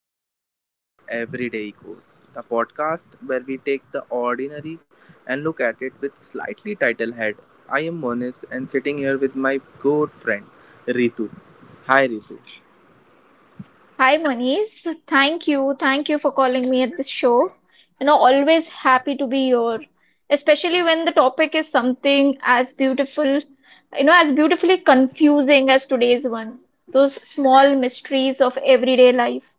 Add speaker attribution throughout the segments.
Speaker 1: to another episode of Everyday Ecos, the podcast where we take the ordinary and look at it with slightly title head. I am Monis, and sitting here with my good friend Ritu. Hi, Ritu.
Speaker 2: Hi, Manish. Thank you. Thank you for calling me at this show. You know, always happy to be here, especially when the topic is something as beautiful, you know, as beautifully confusing as today's one. Those small mysteries of everyday life.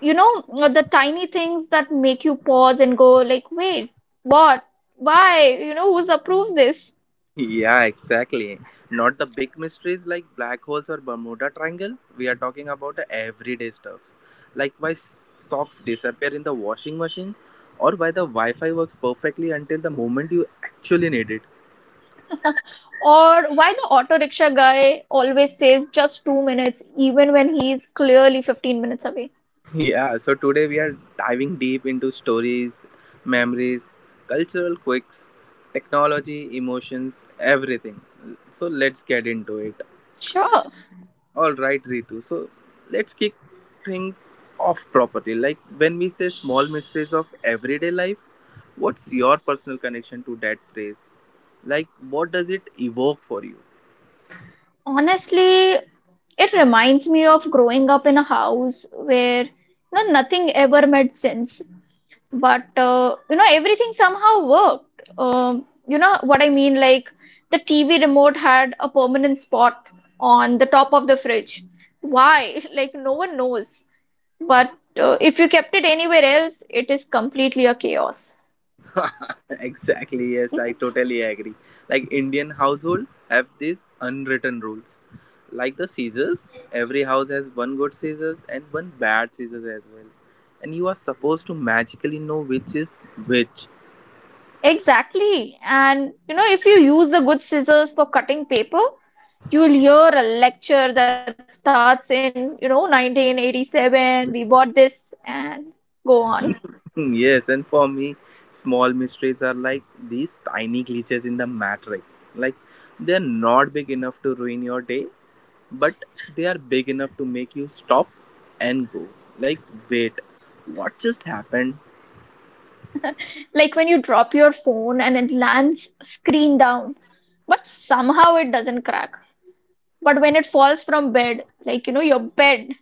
Speaker 2: You know, the tiny things that make you pause and go, like, wait, what? Why? You know, who's approved this?
Speaker 1: Yeah, exactly. Not the big mysteries like black holes or Bermuda Triangle. We are talking about the everyday stuffs, like why socks disappear in the washing machine, or why the Wi-Fi works perfectly until the moment you actually need it.
Speaker 2: Or why the auto rickshaw guy always says just 2 minutes, even when he's clearly 15 minutes away?
Speaker 1: Yeah, so today we are diving deep into stories, memories, cultural quirks, technology, emotions, everything. So let's get into it.
Speaker 2: Sure.
Speaker 1: All right, Ritu. So let's kick things off properly. Like when we say small mysteries of everyday life, what's your personal connection to that phrase? Like, what does it evoke for you?
Speaker 2: Honestly, it reminds me of growing up in a house where you know nothing ever made sense, but you know everything somehow worked. You know what I mean? Like the TV remote had a permanent spot on the top of the fridge. Why? Like no one knows. But if you kept it anywhere else, it is completely a chaos.
Speaker 1: Exactly, yes, I totally agree. Like Indian households have these unwritten rules. Like the scissors, every house has one good scissors and one bad scissors as well. And you are supposed to magically know which is which.
Speaker 2: Exactly. And you know, if you use the good scissors for cutting paper, you will hear a lecture that starts in, you know, 1987, we bought this, and go on.
Speaker 1: Yes, and for me, small mysteries are like these tiny glitches in the matrix. Like they're not big enough to ruin your day, but they are big enough to make you stop and go. Like, wait, what just happened?
Speaker 2: Like when you drop your phone and it lands screen down, but somehow it doesn't crack. But when it falls from bed, like, you know, your bed,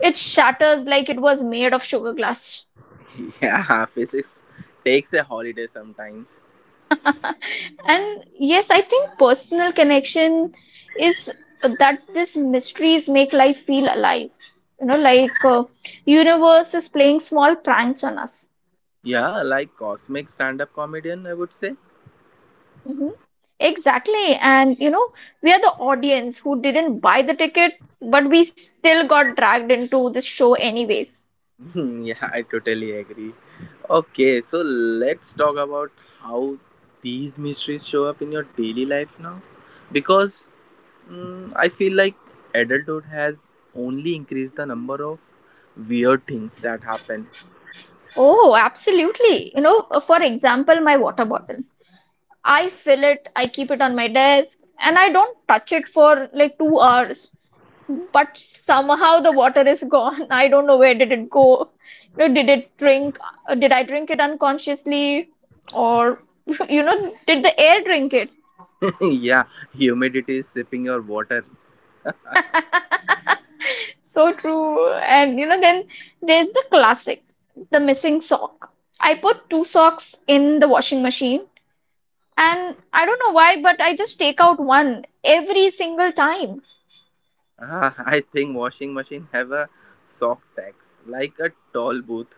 Speaker 2: it shatters like it was made of sugar glass.
Speaker 1: Yeah, physics takes a holiday sometimes.
Speaker 2: And yes, I think personal connection is that these mysteries make life feel alive. You know, like universe is playing small pranks on us.
Speaker 1: Yeah, like cosmic stand up comedian, I would say.
Speaker 2: Hmm. Exactly, and you know, we are the audience who didn't buy the ticket, but we still got dragged into this show anyways.
Speaker 1: Yeah, I totally agree. Okay, so let's talk about how these mysteries show up in your daily life now. Because I feel like adulthood has only increased the number of weird things that happen.
Speaker 2: Oh, absolutely. You know, for example, my water bottle. I fill it, I keep it on my desk, and I don't touch it for like 2 hours, but somehow the water is gone. I don't know where did it go. You know, did it drink? Did I drink it unconsciously, or you know, did the air drink it?
Speaker 1: Yeah, humidity is sipping your water.
Speaker 2: So true. And you know, then there's the classic, the missing sock. I put two socks in the washing machine, and I don't know why, but I just take out one every single time.
Speaker 1: Ah, I think washing machine have a sock tax, like a toll booth.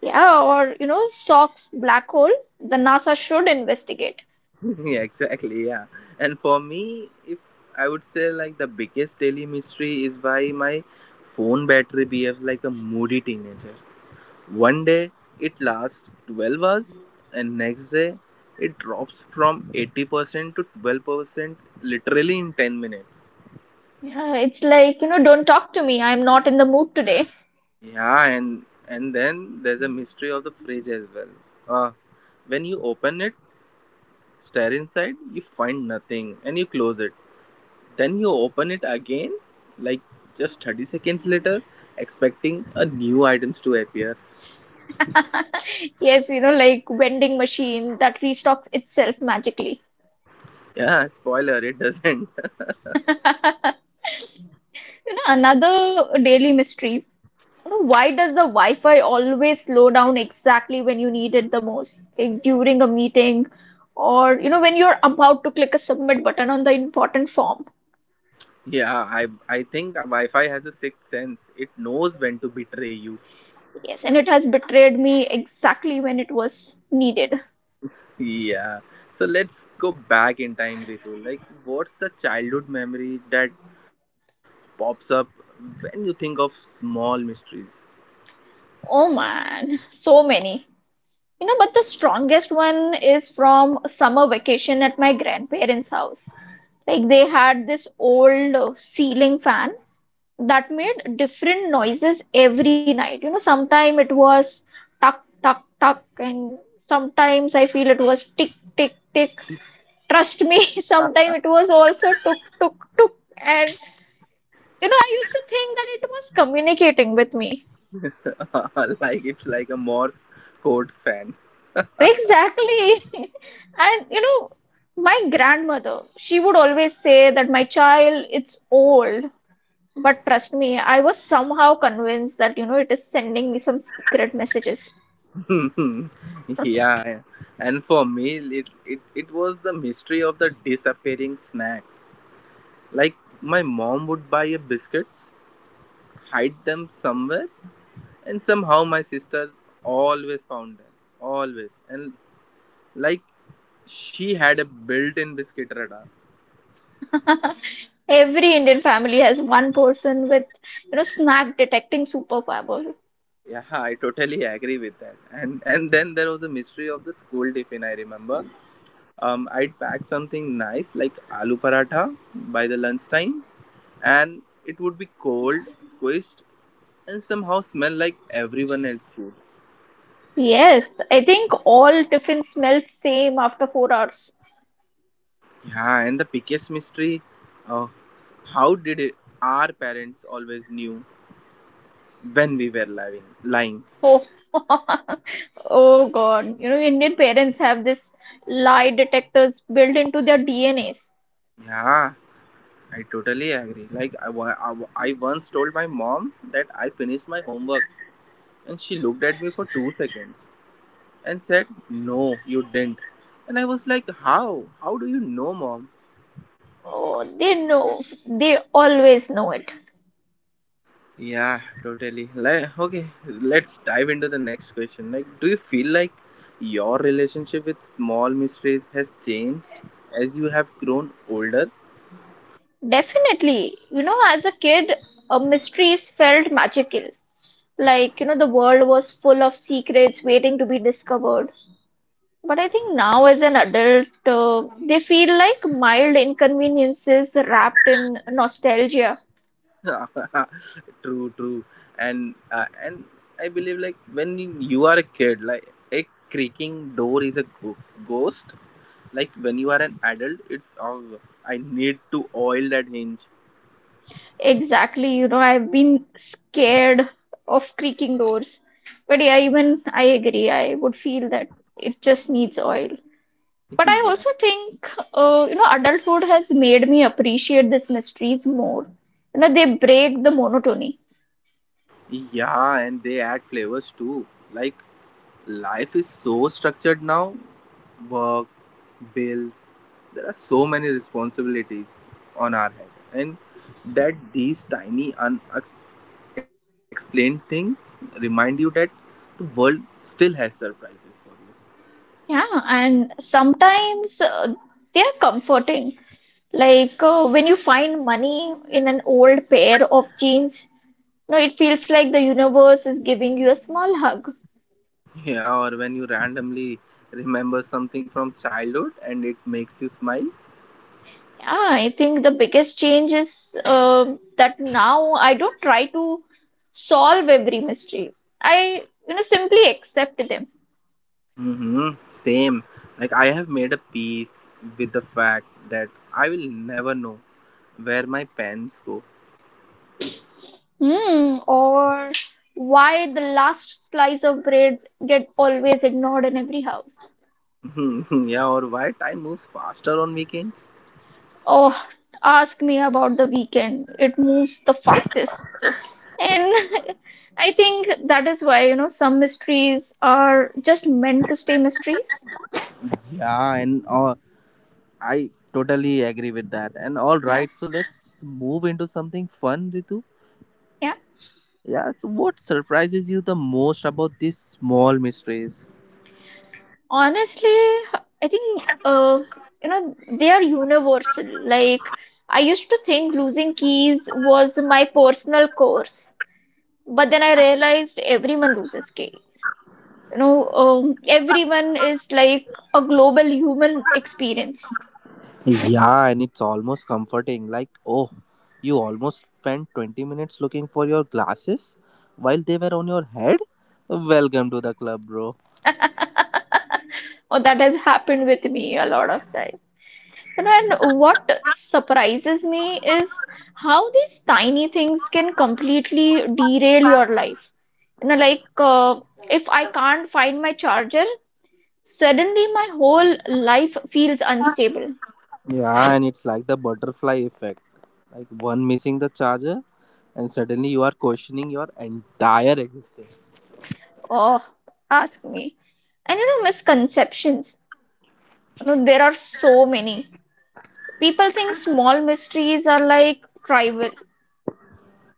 Speaker 2: Yeah, or you know, socks black hole. The NASA should investigate.
Speaker 1: Yeah, exactly. Yeah. And for me, if I would say like the biggest daily mystery is why my phone battery behaves like a moody teenager. One day it lasts 12 hours, and next day it drops from 80% to 12% literally in 10 minutes.
Speaker 2: Yeah, it's like, you know, don't talk to me. I'm not in the mood today.
Speaker 1: Yeah, and then there's a mystery of the fridge as well. Uh, when you open it, stare inside, you find nothing, and you close it. Then you open it again, like just 30 seconds later, expecting a new items to appear.
Speaker 2: Yes, you know, like vending machine that restocks itself magically.
Speaker 1: Yeah, spoiler, it doesn't.
Speaker 2: You know, another daily mystery. You know, why does the Wi-Fi always slow down exactly when you need it the most? Like during a meeting or, you know, when you're about to click a submit button on the important form.
Speaker 1: Yeah, I think a Wi-Fi has a sixth sense. It knows when to betray you.
Speaker 2: Yes, and it has betrayed me exactly when it was needed.
Speaker 1: Yeah. So let's go back in time, Ritu. Like, what's the childhood memory that pops up when you think of small mysteries?
Speaker 2: Oh man, so many. You know, but the strongest one is from a summer vacation at my grandparents' house. Like they had this old ceiling fan that made different noises every night. You know, sometimes it was tuck, tuck, tuck, and sometimes I feel it was tick, tick, tick. Trust me, sometimes it was also tuk, tuk, tuk. And you know, I used to think that it was communicating with me.
Speaker 1: Like it's like a Morse code fan.
Speaker 2: Exactly. And you know, my grandmother, she would always say that my child, it's old. But trust me, I was somehow convinced that, you know, it is sending me some secret messages.
Speaker 1: Yeah, and for me, it was the mystery of the disappearing snacks. Like, my mom would buy a biscuits, hide them somewhere, and somehow my sister always found them. Always. And, like, she had a built in biscuit radar.
Speaker 2: Every Indian family has one person with, you know, snack detecting superpower.
Speaker 1: Yeah, I totally agree with that. And then there was a mystery of the school tiffin. I remember, I'd pack something nice like aloo paratha by the lunchtime, and it would be cold, squished, and somehow smell like everyone else's food.
Speaker 2: Yes, I think all tiffin smells same after 4 hours.
Speaker 1: Yeah, and the biggest mystery uh, how did it, our parents always knew when we were lying?
Speaker 2: Oh, oh God. You know, Indian parents have this lie detectors built into their DNAs.
Speaker 1: Yeah, I totally agree. Like, I once told my mom that I finished my homework, and she looked at me for 2 seconds and said, No, you didn't. And I was like, How? How do you know, mom?
Speaker 2: Oh, they know. They always know it.
Speaker 1: Yeah, totally. Like, okay, let's dive into the next question. Like, do you feel like your relationship with small mysteries has changed as you have grown older?
Speaker 2: Definitely. You know, as a kid, mysteries felt magical. Like, you know, the world was full of secrets waiting to be discovered. But I think now, as an adult, they feel like mild inconveniences wrapped in nostalgia.
Speaker 1: True, true. And I believe like when you are a kid, like a creaking door is a ghost. Like when you are an adult, it's oh, I need to oil that hinge.
Speaker 2: Exactly. You know, I've been scared of creaking doors. But yeah, even I agree. I would feel that it just needs oil. But I
Speaker 1: Yeah,
Speaker 2: also think, you know, adulthood has made me appreciate these mysteries more. You know, they break the monotony.
Speaker 1: yeah, and they add flavors too. Like Life is so structured now work, bills, there are so many responsibilities on our head, and that these tiny unexplained things remind you that the world still has surprises for
Speaker 2: Yeah, and sometimes they are comforting. Like when you find money in an old pair of jeans, you know, it feels like the universe is giving you a small hug.
Speaker 1: you. Yeah, or when you randomly remember something from childhood and it makes you smile.
Speaker 2: Yeah, I think the biggest change is that now I don't try to solve every mystery. I, you know, simply accept them.
Speaker 1: Mm-hmm. Same. Like I have made a peace with the fact that I will never know where my pens go.
Speaker 2: Hmm, or why the last slice of bread get always ignored in every house.
Speaker 1: Hmm. Yeah, or why time moves faster on weekends?
Speaker 2: Oh, ask me about the weekend. It moves the fastest. And I think that is why, you know, some mysteries are just meant to stay mysteries.
Speaker 1: Yeah, and I totally agree with that. And all
Speaker 2: Yeah.
Speaker 1: right, so let's move into something fun, Ritu.
Speaker 2: Yeah.
Speaker 1: Yeah, so what surprises you the most about these small mysteries?
Speaker 2: Honestly, I think you know, they are universal. Like I used to think losing keys was my personal curse. But then I realized everyone loses case. You know, everyone is like a global human experience.
Speaker 1: Yeah, and it's almost comforting. Like, oh, you almost spent 20 minutes looking for your glasses while they were on your head? Welcome to the club, bro.
Speaker 2: Oh, that has happened with me a lot of time. You know, and what surprises me is how these tiny things can completely derail your life. You know, like if I can't find my charger, suddenly my whole life feels unstable.
Speaker 1: Yeah, and it's like the butterfly effect. Like one missing the charger, and suddenly you are questioning your entire existence.
Speaker 2: Oh, ask me. And you know, misconceptions. You know, there are so many. People think small mysteries are like trivial,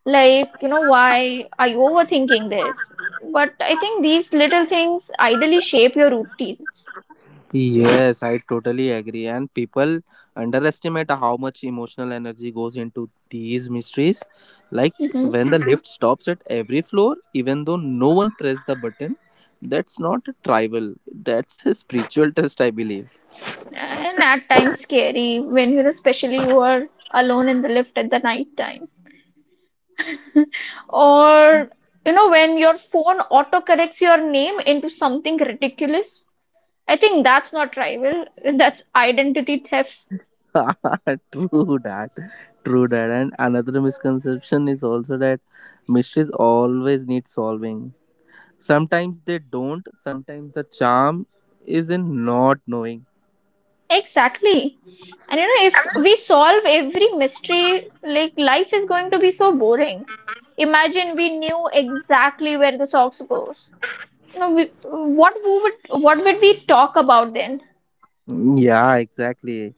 Speaker 2: like, you know, why are you overthinking this? But I think these little things ideally shape your routines.
Speaker 1: Yes, I totally agree. And people underestimate how much emotional energy goes into these mysteries. Like
Speaker 2: Hmm.
Speaker 1: when the lift stops at every floor, even though no one pressed the button, that's not a tribal, that's a spiritual test, I believe.
Speaker 2: And at times scary when, you know, especially you are alone in the lift at the night time. Or, you know, when your phone autocorrects your name into something ridiculous. I think that's not rival, that's identity theft.
Speaker 1: True that, true that. And another misconception is also that mysteries always need solving. Sometimes they don't. Sometimes the charm is in not knowing.
Speaker 2: Exactly. And you know, if we solve every mystery, like life is going to be so boring. Imagine we knew exactly where the socks goes. You know, we, what we would what would we talk about then?
Speaker 1: Yeah, exactly.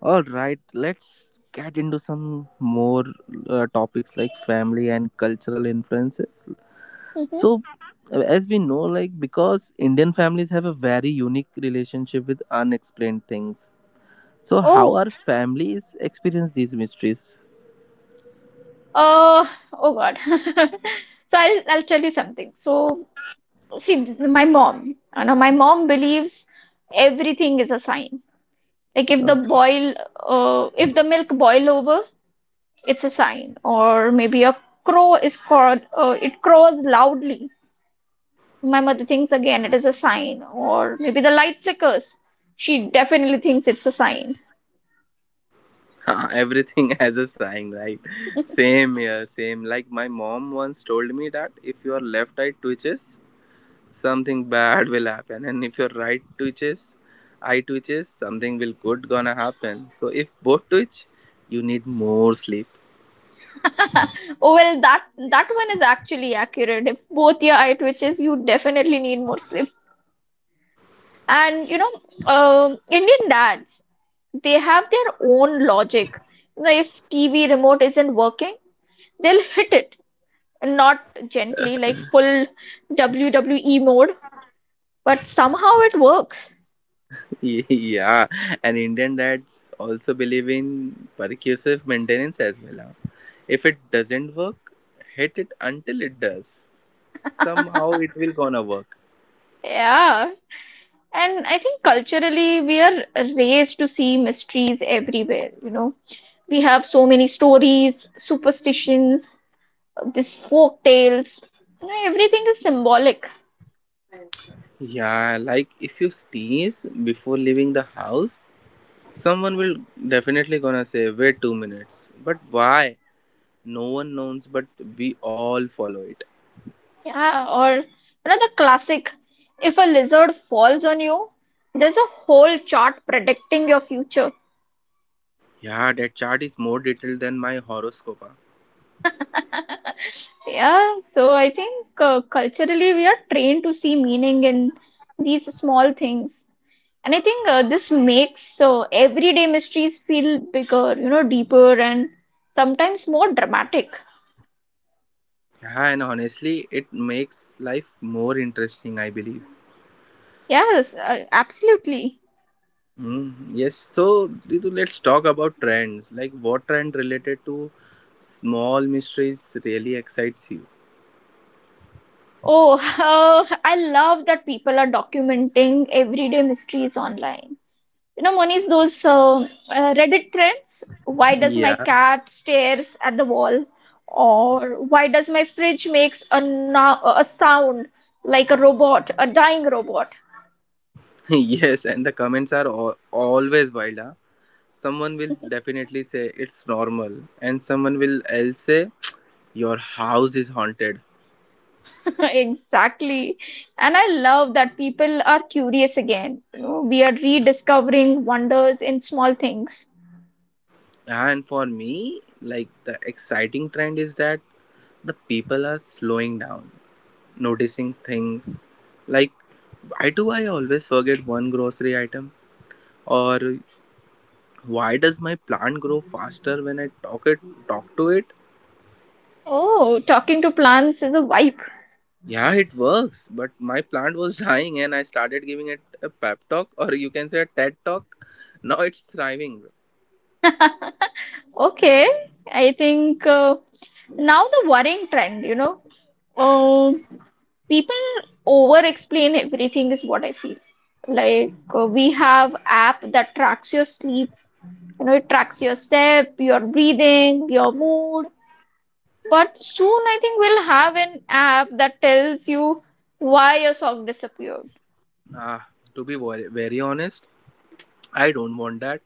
Speaker 1: All right, let's get into some more topics like family and cultural influences.
Speaker 2: Hmm
Speaker 1: So as we know, like, because Indian families have a very unique relationship with unexplained things. So, how
Speaker 2: Oh,
Speaker 1: our families experience these mysteries?
Speaker 2: uh, oh God. So I'll tell you something. So see, my mom, you know, my mom believes everything is a sign. Like if the
Speaker 1: Okay.
Speaker 2: boil, if the milk boil over, it's a sign. Or maybe a crow is called, it crows loudly, my mother thinks again it is a sign. Or maybe the light flickers, she definitely thinks it's a sign.
Speaker 1: Everything has a sign, right? Same here, same. Like my mom once told me that if your left eye twitches, something bad will happen, and if your right eye twitches, something will good gonna happen. So if both twitch, you need more sleep.
Speaker 2: Oh well, that that one is actually accurate. If both your eye twitches you definitely need more sleep. And you know, Indian dads, they have their own logic. You know, if TV remote isn't working, they'll hit it, not gently, like full WWE mode, but somehow it works.
Speaker 1: Yeah, and Indian dads also believe in percussive maintenance as well. Huh? If it doesn't work, hit it until it does. Somehow it will gonna work.
Speaker 2: Yeah. And I think culturally, we are raised to see mysteries everywhere, you know. We have so many stories, superstitions, these folk tales. You know, everything is symbolic.
Speaker 1: Yeah, like if you sneeze before leaving the house, someone will definitely gonna say wait 2 minutes. But why? No one knows, but we all follow it.
Speaker 2: Yeah. Or, another classic, if a lizard falls on you, there's a whole chart predicting your future.
Speaker 1: Yeah, that chart is more detailed than my horoscope.
Speaker 2: Yeah, so I think culturally we are trained to see meaning in these small things. And I think this makes everyday mysteries feel bigger, you know, deeper and sometimes more dramatic.
Speaker 1: Yeah, and honestly, it makes life more interesting, I believe.
Speaker 2: Yes, absolutely.
Speaker 1: Mm, yes, so Ritu, let's talk about trends. Like, what trend related to small mysteries really excites you?
Speaker 2: Oh, I love that people are documenting everyday mysteries online. You know, Moni's those Reddit threads. Why does my
Speaker 1: Yeah.
Speaker 2: cat stares at the wall? Or why does my fridge makes a, a sound like a robot, a dying robot?
Speaker 1: Yes, and the comments are always wild. Huh? Someone will definitely say it's normal, and someone will else say your house is haunted.
Speaker 2: Exactly. And I love that people are curious again. You know, we are rediscovering wonders in small things.
Speaker 1: Yeah, and for me, like the exciting trend is that the people are slowing down, noticing things. Like, why do I always forget one grocery item? Or why does my plant grow faster when I talk to it?
Speaker 2: Oh, talking to plants is a vibe.
Speaker 1: Yeah, it works. But my plant was dying and I started giving it a pep talk or you can say a TED talk. Now it's thriving.
Speaker 2: Okay. I think now the worrying trend, you know, um, people over explain everything is what I feel. Like we have app that tracks your sleep, you know, it tracks your step, your breathing, your mood. But soon I think we'll have an app that tells you why your song disappeared.
Speaker 1: Ah, to be very, very honest, I don't want that.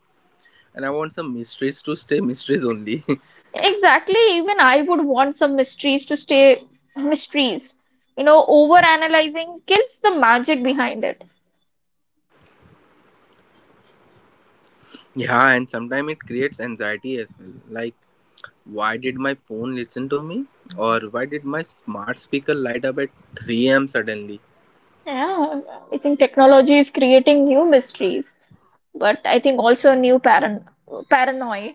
Speaker 1: And I want some mysteries to stay mysteries only.
Speaker 2: Exactly, even I would want some mysteries to stay mysteries. You know, over analyzing kills the magic behind it.
Speaker 1: Yeah, and sometimes it creates anxiety as well. Like, why did my phone listen to me? Or why did my smart speaker light up at 3 a.m. suddenly?
Speaker 2: Yeah, I think technology is creating new mysteries, but I think also new paranoia.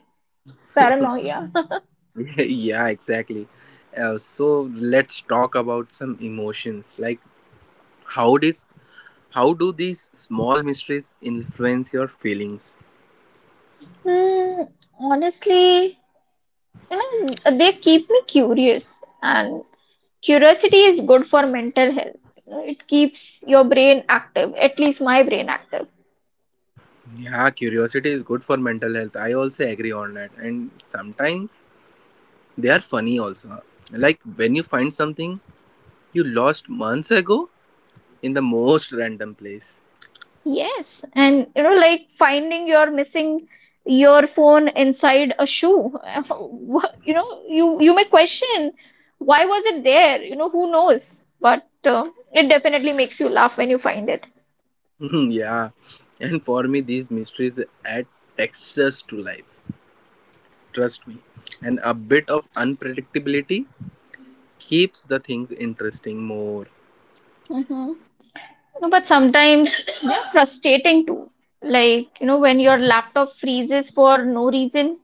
Speaker 2: Paranoia.
Speaker 1: Yeah, exactly. So let's talk about some emotions. Like, how did How do these small mysteries influence your feelings?
Speaker 2: Hmm, honestly, you know, they keep me curious and curiosity is good for mental health. You know, it keeps your brain active, at least my brain active.
Speaker 1: Yeah, curiosity is good for mental health. I also agree on that. And sometimes they are funny also. Like when you find something you lost months ago in the most random place.
Speaker 2: Yes, and you know, like finding your missing your phone inside a shoe. You know, you may question why was it there? You know, who knows? But it definitely makes you laugh when you find it.
Speaker 1: Yeah. And for me, these mysteries add textures to life. Trust me. And a bit of unpredictability keeps the things interesting more.
Speaker 2: Mm-hmm. No, but sometimes yeah, frustrating too. Like, you know, when your laptop freezes for no reason,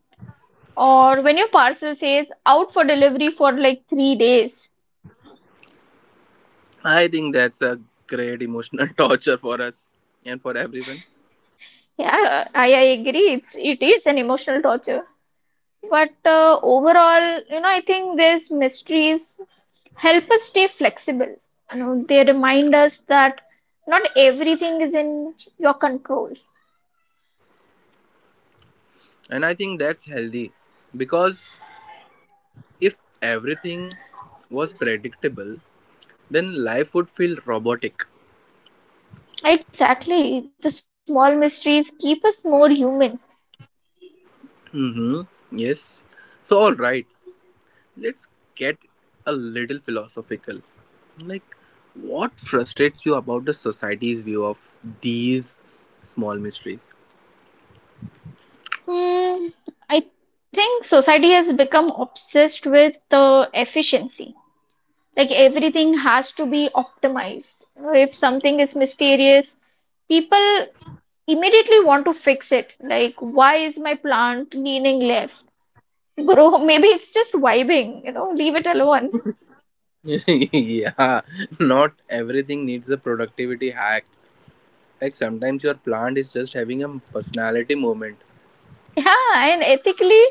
Speaker 2: or when your parcel says out for delivery for like 3 days.
Speaker 1: I think that's a great emotional torture for us and for everyone.
Speaker 2: Yeah, I agree, it is an emotional torture, but overall, you know, I think these mysteries help us stay flexible. You know, they remind us that not everything is in your control.
Speaker 1: And I think that's healthy, because if everything was predictable, then life would feel robotic.
Speaker 2: Exactly, the small mysteries keep us more human.
Speaker 1: Mm-hmm. Yes, so all right, let's get a little philosophical. Like, what frustrates you about the society's view of these small mysteries?
Speaker 2: Hmm. I think society has become obsessed with efficiency. Like everything has to be optimized. You know, if something is mysterious, people immediately want to fix it. Like, why is my plant leaning left? Bro, maybe it's just vibing, you know, leave it alone.
Speaker 1: Yeah, not everything needs a productivity hack. Like, sometimes your plant is just having a personality moment.
Speaker 2: Yeah, and ethically,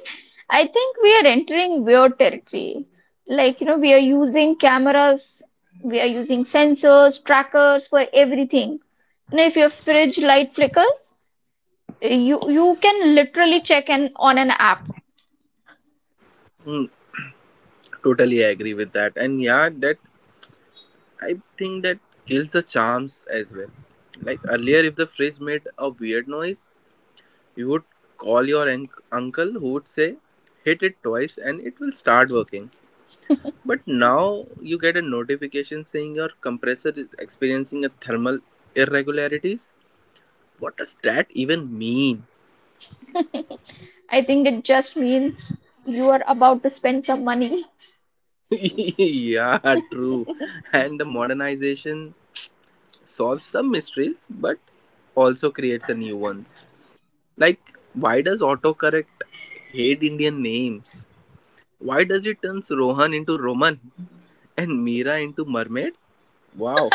Speaker 2: I think we are entering weird territory. Like, you know, we are using cameras, we are using sensors, trackers for everything. You know, if your fridge light flickers, you can literally check in on an app.
Speaker 1: Mm, totally agree with that. And yeah, I think that kills the charms as well. Like earlier, if the fridge made a weird noise, you would call your uncle who would say, hit it twice and it will start working. But now you get a notification saying your compressor is experiencing a thermal irregularities. What does that even mean?
Speaker 2: I think it just means you are about to spend some money.
Speaker 1: Yeah, true. And the modernization solves some mysteries but also creates a new ones. Like, why does autocorrect hate Indian names? Why does it turns Rohan into Roman and Meera into mermaid? Wow,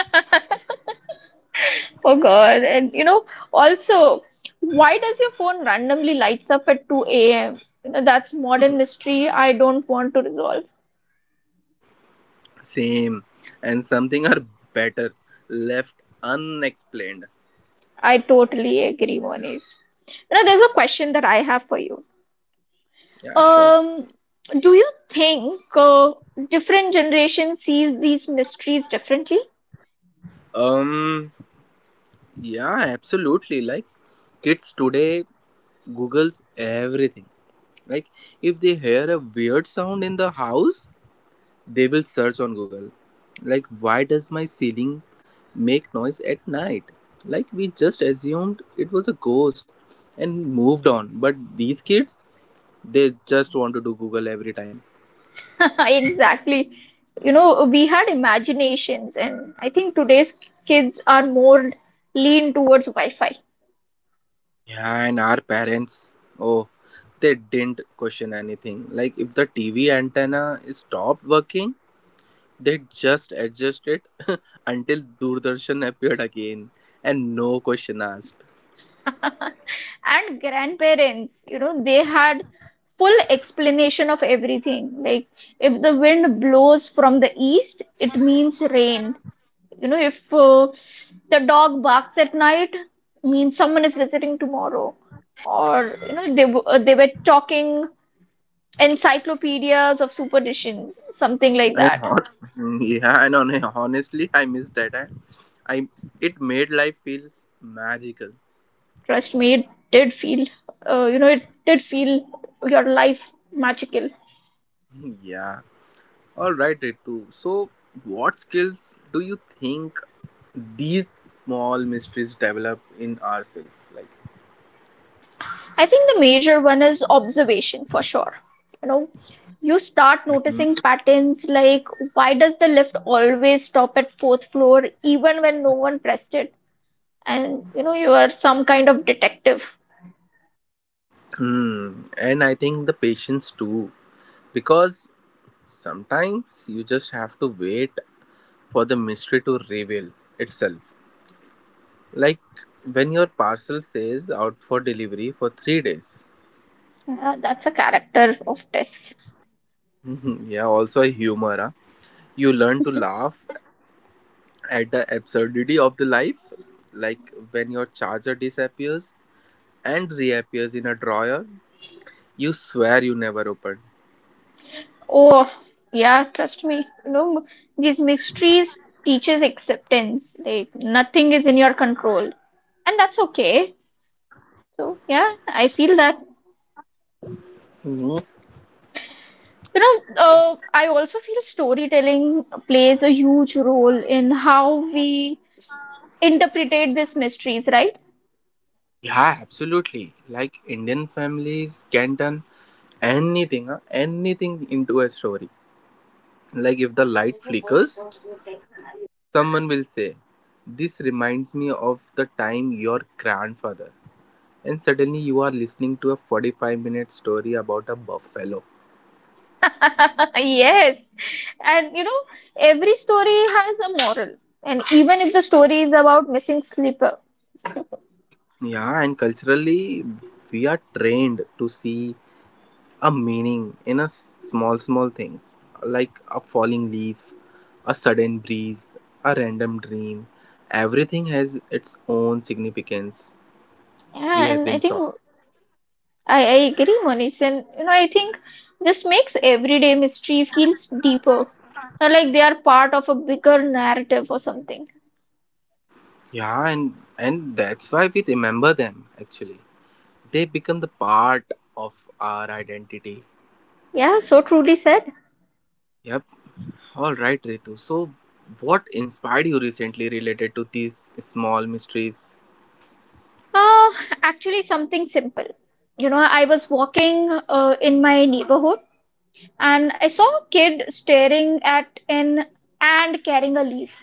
Speaker 2: Oh God. And you know, also, why does your phone randomly lights up at 2 a.m.? You know, that's modern mystery I don't want to resolve.
Speaker 1: same. And something are better left unexplained.
Speaker 2: I totally agree, Moniz. You know, there's a question that I have for you.
Speaker 1: Yeah, sure.
Speaker 2: Um, do you think different generation sees these mysteries differently?
Speaker 1: Um, yeah, absolutely. Like, kids today Googles everything. Like, if they hear a weird sound in the house, they will search on Google. Like, why does my ceiling make noise at night? Like we just assumed it was a ghost and moved on. But these kids, they just want to do Google every time.
Speaker 2: Exactly. You know, we had imaginations, and I think today's kids are more lean towards Wi-Fi.
Speaker 1: Yeah, and our parents, oh, they didn't question anything. Like if the TV antenna stopped working, they just adjusted it until Doordarshan appeared again and no question asked.
Speaker 2: And grandparents, you know, they had full explanation of everything. Like, if the wind blows from the east, it means rain. You know, if the dog barks at night, means someone is visiting tomorrow. Or, you know, they were talking. Encyclopedias of superstitions, something like
Speaker 1: And
Speaker 2: that.
Speaker 1: hot? Yeah, and honestly, I miss that. I It made life feels magical.
Speaker 2: Trust me, it did feel, you know, it did feel your life magical.
Speaker 1: Yeah, all right, Ritu. So, what skills do you think these small mysteries develop in ourselves? Like,
Speaker 2: I think the major one is observation for sure. You know, you start noticing patterns like why does the lift always stop at fourth floor even when no one pressed it? And you know, you are some kind of detective.
Speaker 1: hmm. And I think the patience too, because sometimes you just have to wait for the mystery to reveal itself. Like when your parcel says out for delivery for 3 days.
Speaker 2: That's a character of test.
Speaker 1: Yeah, also a humor. Huh? You learn to laugh at the absurdity of the life, like when your charger disappears and reappears in a drawer you swear you never opened.
Speaker 2: Oh, yeah, trust me. You know, these mysteries teaches acceptance. Like nothing is in your control, and that's okay. So yeah, I feel that.
Speaker 1: Mhm.
Speaker 2: You know, I also feel storytelling plays a huge role in how we interpretate these mysteries, right?
Speaker 1: Yeah, absolutely. Like Indian families can turn anything, huh, anything into a story. Like if the light flickers, someone will say, This reminds me of the time your grandfather. And suddenly you are listening to a 45-minute story about a buffalo.
Speaker 2: Yes. And you know, every story has a moral. And even if the story is about missing slipper,
Speaker 1: Yeah, and culturally, we are trained to see a meaning in a small small things, like a falling leaf, a sudden breeze, a random dream, everything has its own significance. We
Speaker 2: yeah,
Speaker 1: have
Speaker 2: and I
Speaker 1: been
Speaker 2: think
Speaker 1: taught.
Speaker 2: I agree, Monish, and you know, I think this makes everyday mystery feels deeper. Not like they are part of a bigger narrative or something.
Speaker 1: Yeah, and that's why we remember them actually. They become the part of our identity.
Speaker 2: Yeah, so truly said.
Speaker 1: Yep. All right, Ritu. So, what inspired you recently related to these small mysteries?
Speaker 2: Uh, Actually, something simple. You know, I was walking in my neighborhood and I saw a kid staring at an ant carrying a leaf.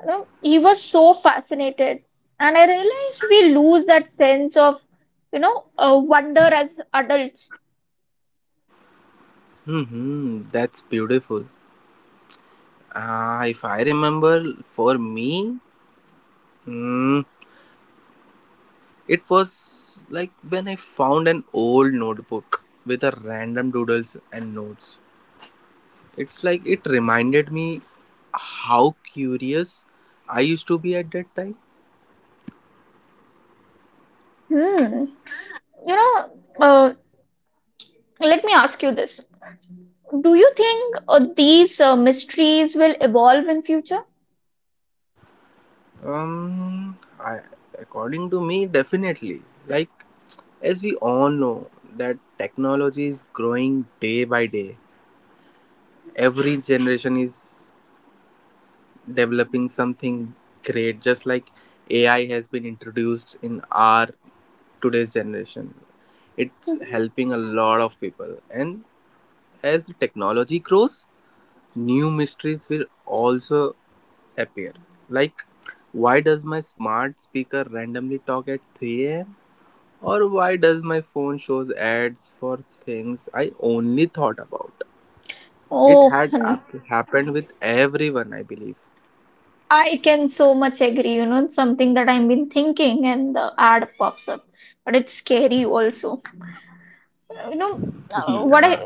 Speaker 2: You know, he was so fascinated, and I realized we lose that sense of, you know, wonder as adults.
Speaker 1: Hmm, that's beautiful. Ah, if I remember, for me, Mm, it was like when I found an old notebook with a random doodles and notes. It's like it reminded me how curious I used to be at that time.
Speaker 2: Hmm. You know, uh, let me ask you this. Do you think these mysteries will evolve in future?
Speaker 1: Um, I, According to me, definitely. Like as we all know that technology is growing day by day. Every generation is developing something great. Just like AI has been introduced in our today's generation. It's helping a lot of people. And as the technology grows, new mysteries will also appear. Like, why does my smart speaker randomly talk at 3 a.m.? Or why does my phone shows ads for things I only thought about? It
Speaker 2: Oh,
Speaker 1: had
Speaker 2: hun,
Speaker 1: happened with everyone, I believe.
Speaker 2: I can so much agree. You know, it's something that I've been thinking, and the ad pops up, but it's scary also. You know, what
Speaker 1: Yeah.
Speaker 2: I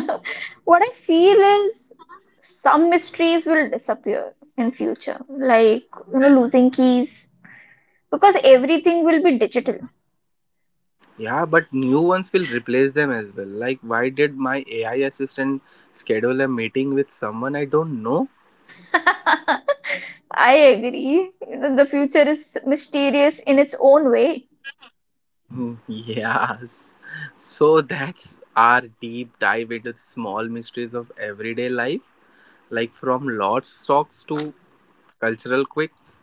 Speaker 2: what I feel is some mysteries will disappear in future, like you know, losing keys because everything will be digital.
Speaker 1: Yeah, but new ones will replace them as well. Like, why did my AI assistant schedule a meeting with someone I don't know?
Speaker 2: I agree. You know, the future is mysterious in its own way.
Speaker 1: Yes. So that's our deep dive into the small mysteries of everyday life, like from lot stocks to cultural quirks,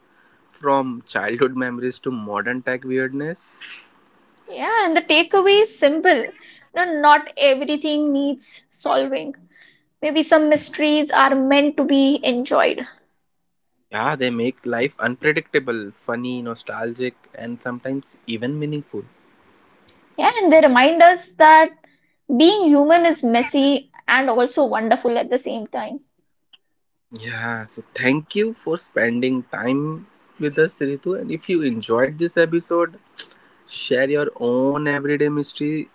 Speaker 1: from childhood memories to modern tech weirdness.
Speaker 2: Yeah, and the takeaway is simple. No, not everything needs solving. Maybe some mysteries are meant to be enjoyed.
Speaker 1: Yeah, they make life unpredictable, funny, nostalgic, and sometimes even meaningful.
Speaker 2: Yeah, and they remind us that being human is messy and also wonderful at the same time.
Speaker 1: Yeah, so thank you for spending time with us, Ritu. And if you enjoyed this episode, share your own everyday mystery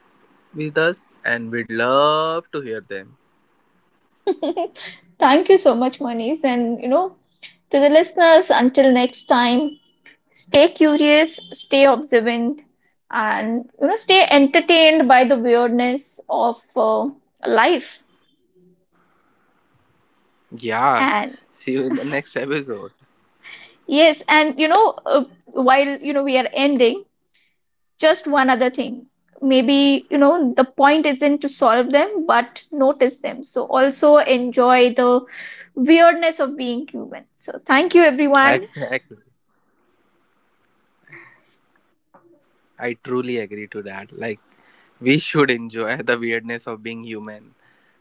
Speaker 1: with us, and we'd love to hear them.
Speaker 2: Thank you so much, Manish. And, you know, to the listeners, until next time, stay curious, stay observant, and you know, stay entertained by the weirdness of life.
Speaker 1: Yeah,
Speaker 2: And
Speaker 1: see you in the next episode.
Speaker 2: yes, and you know, while you know we are ending, just one other thing. Maybe you know the point isn't to solve them, but notice them. So also enjoy the weirdness of being human. So thank you, everyone.
Speaker 1: Exactly. I truly agree to that. Like, we should enjoy the weirdness of being human.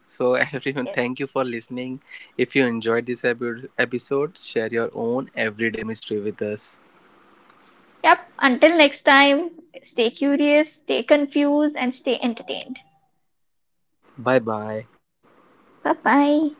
Speaker 1: So, everyone, thank you for listening. If you enjoyed this episode, share your own everyday mystery with us.
Speaker 2: Yep. Until next time, stay curious, stay confused, and stay entertained.
Speaker 1: Bye bye.
Speaker 2: Bye bye.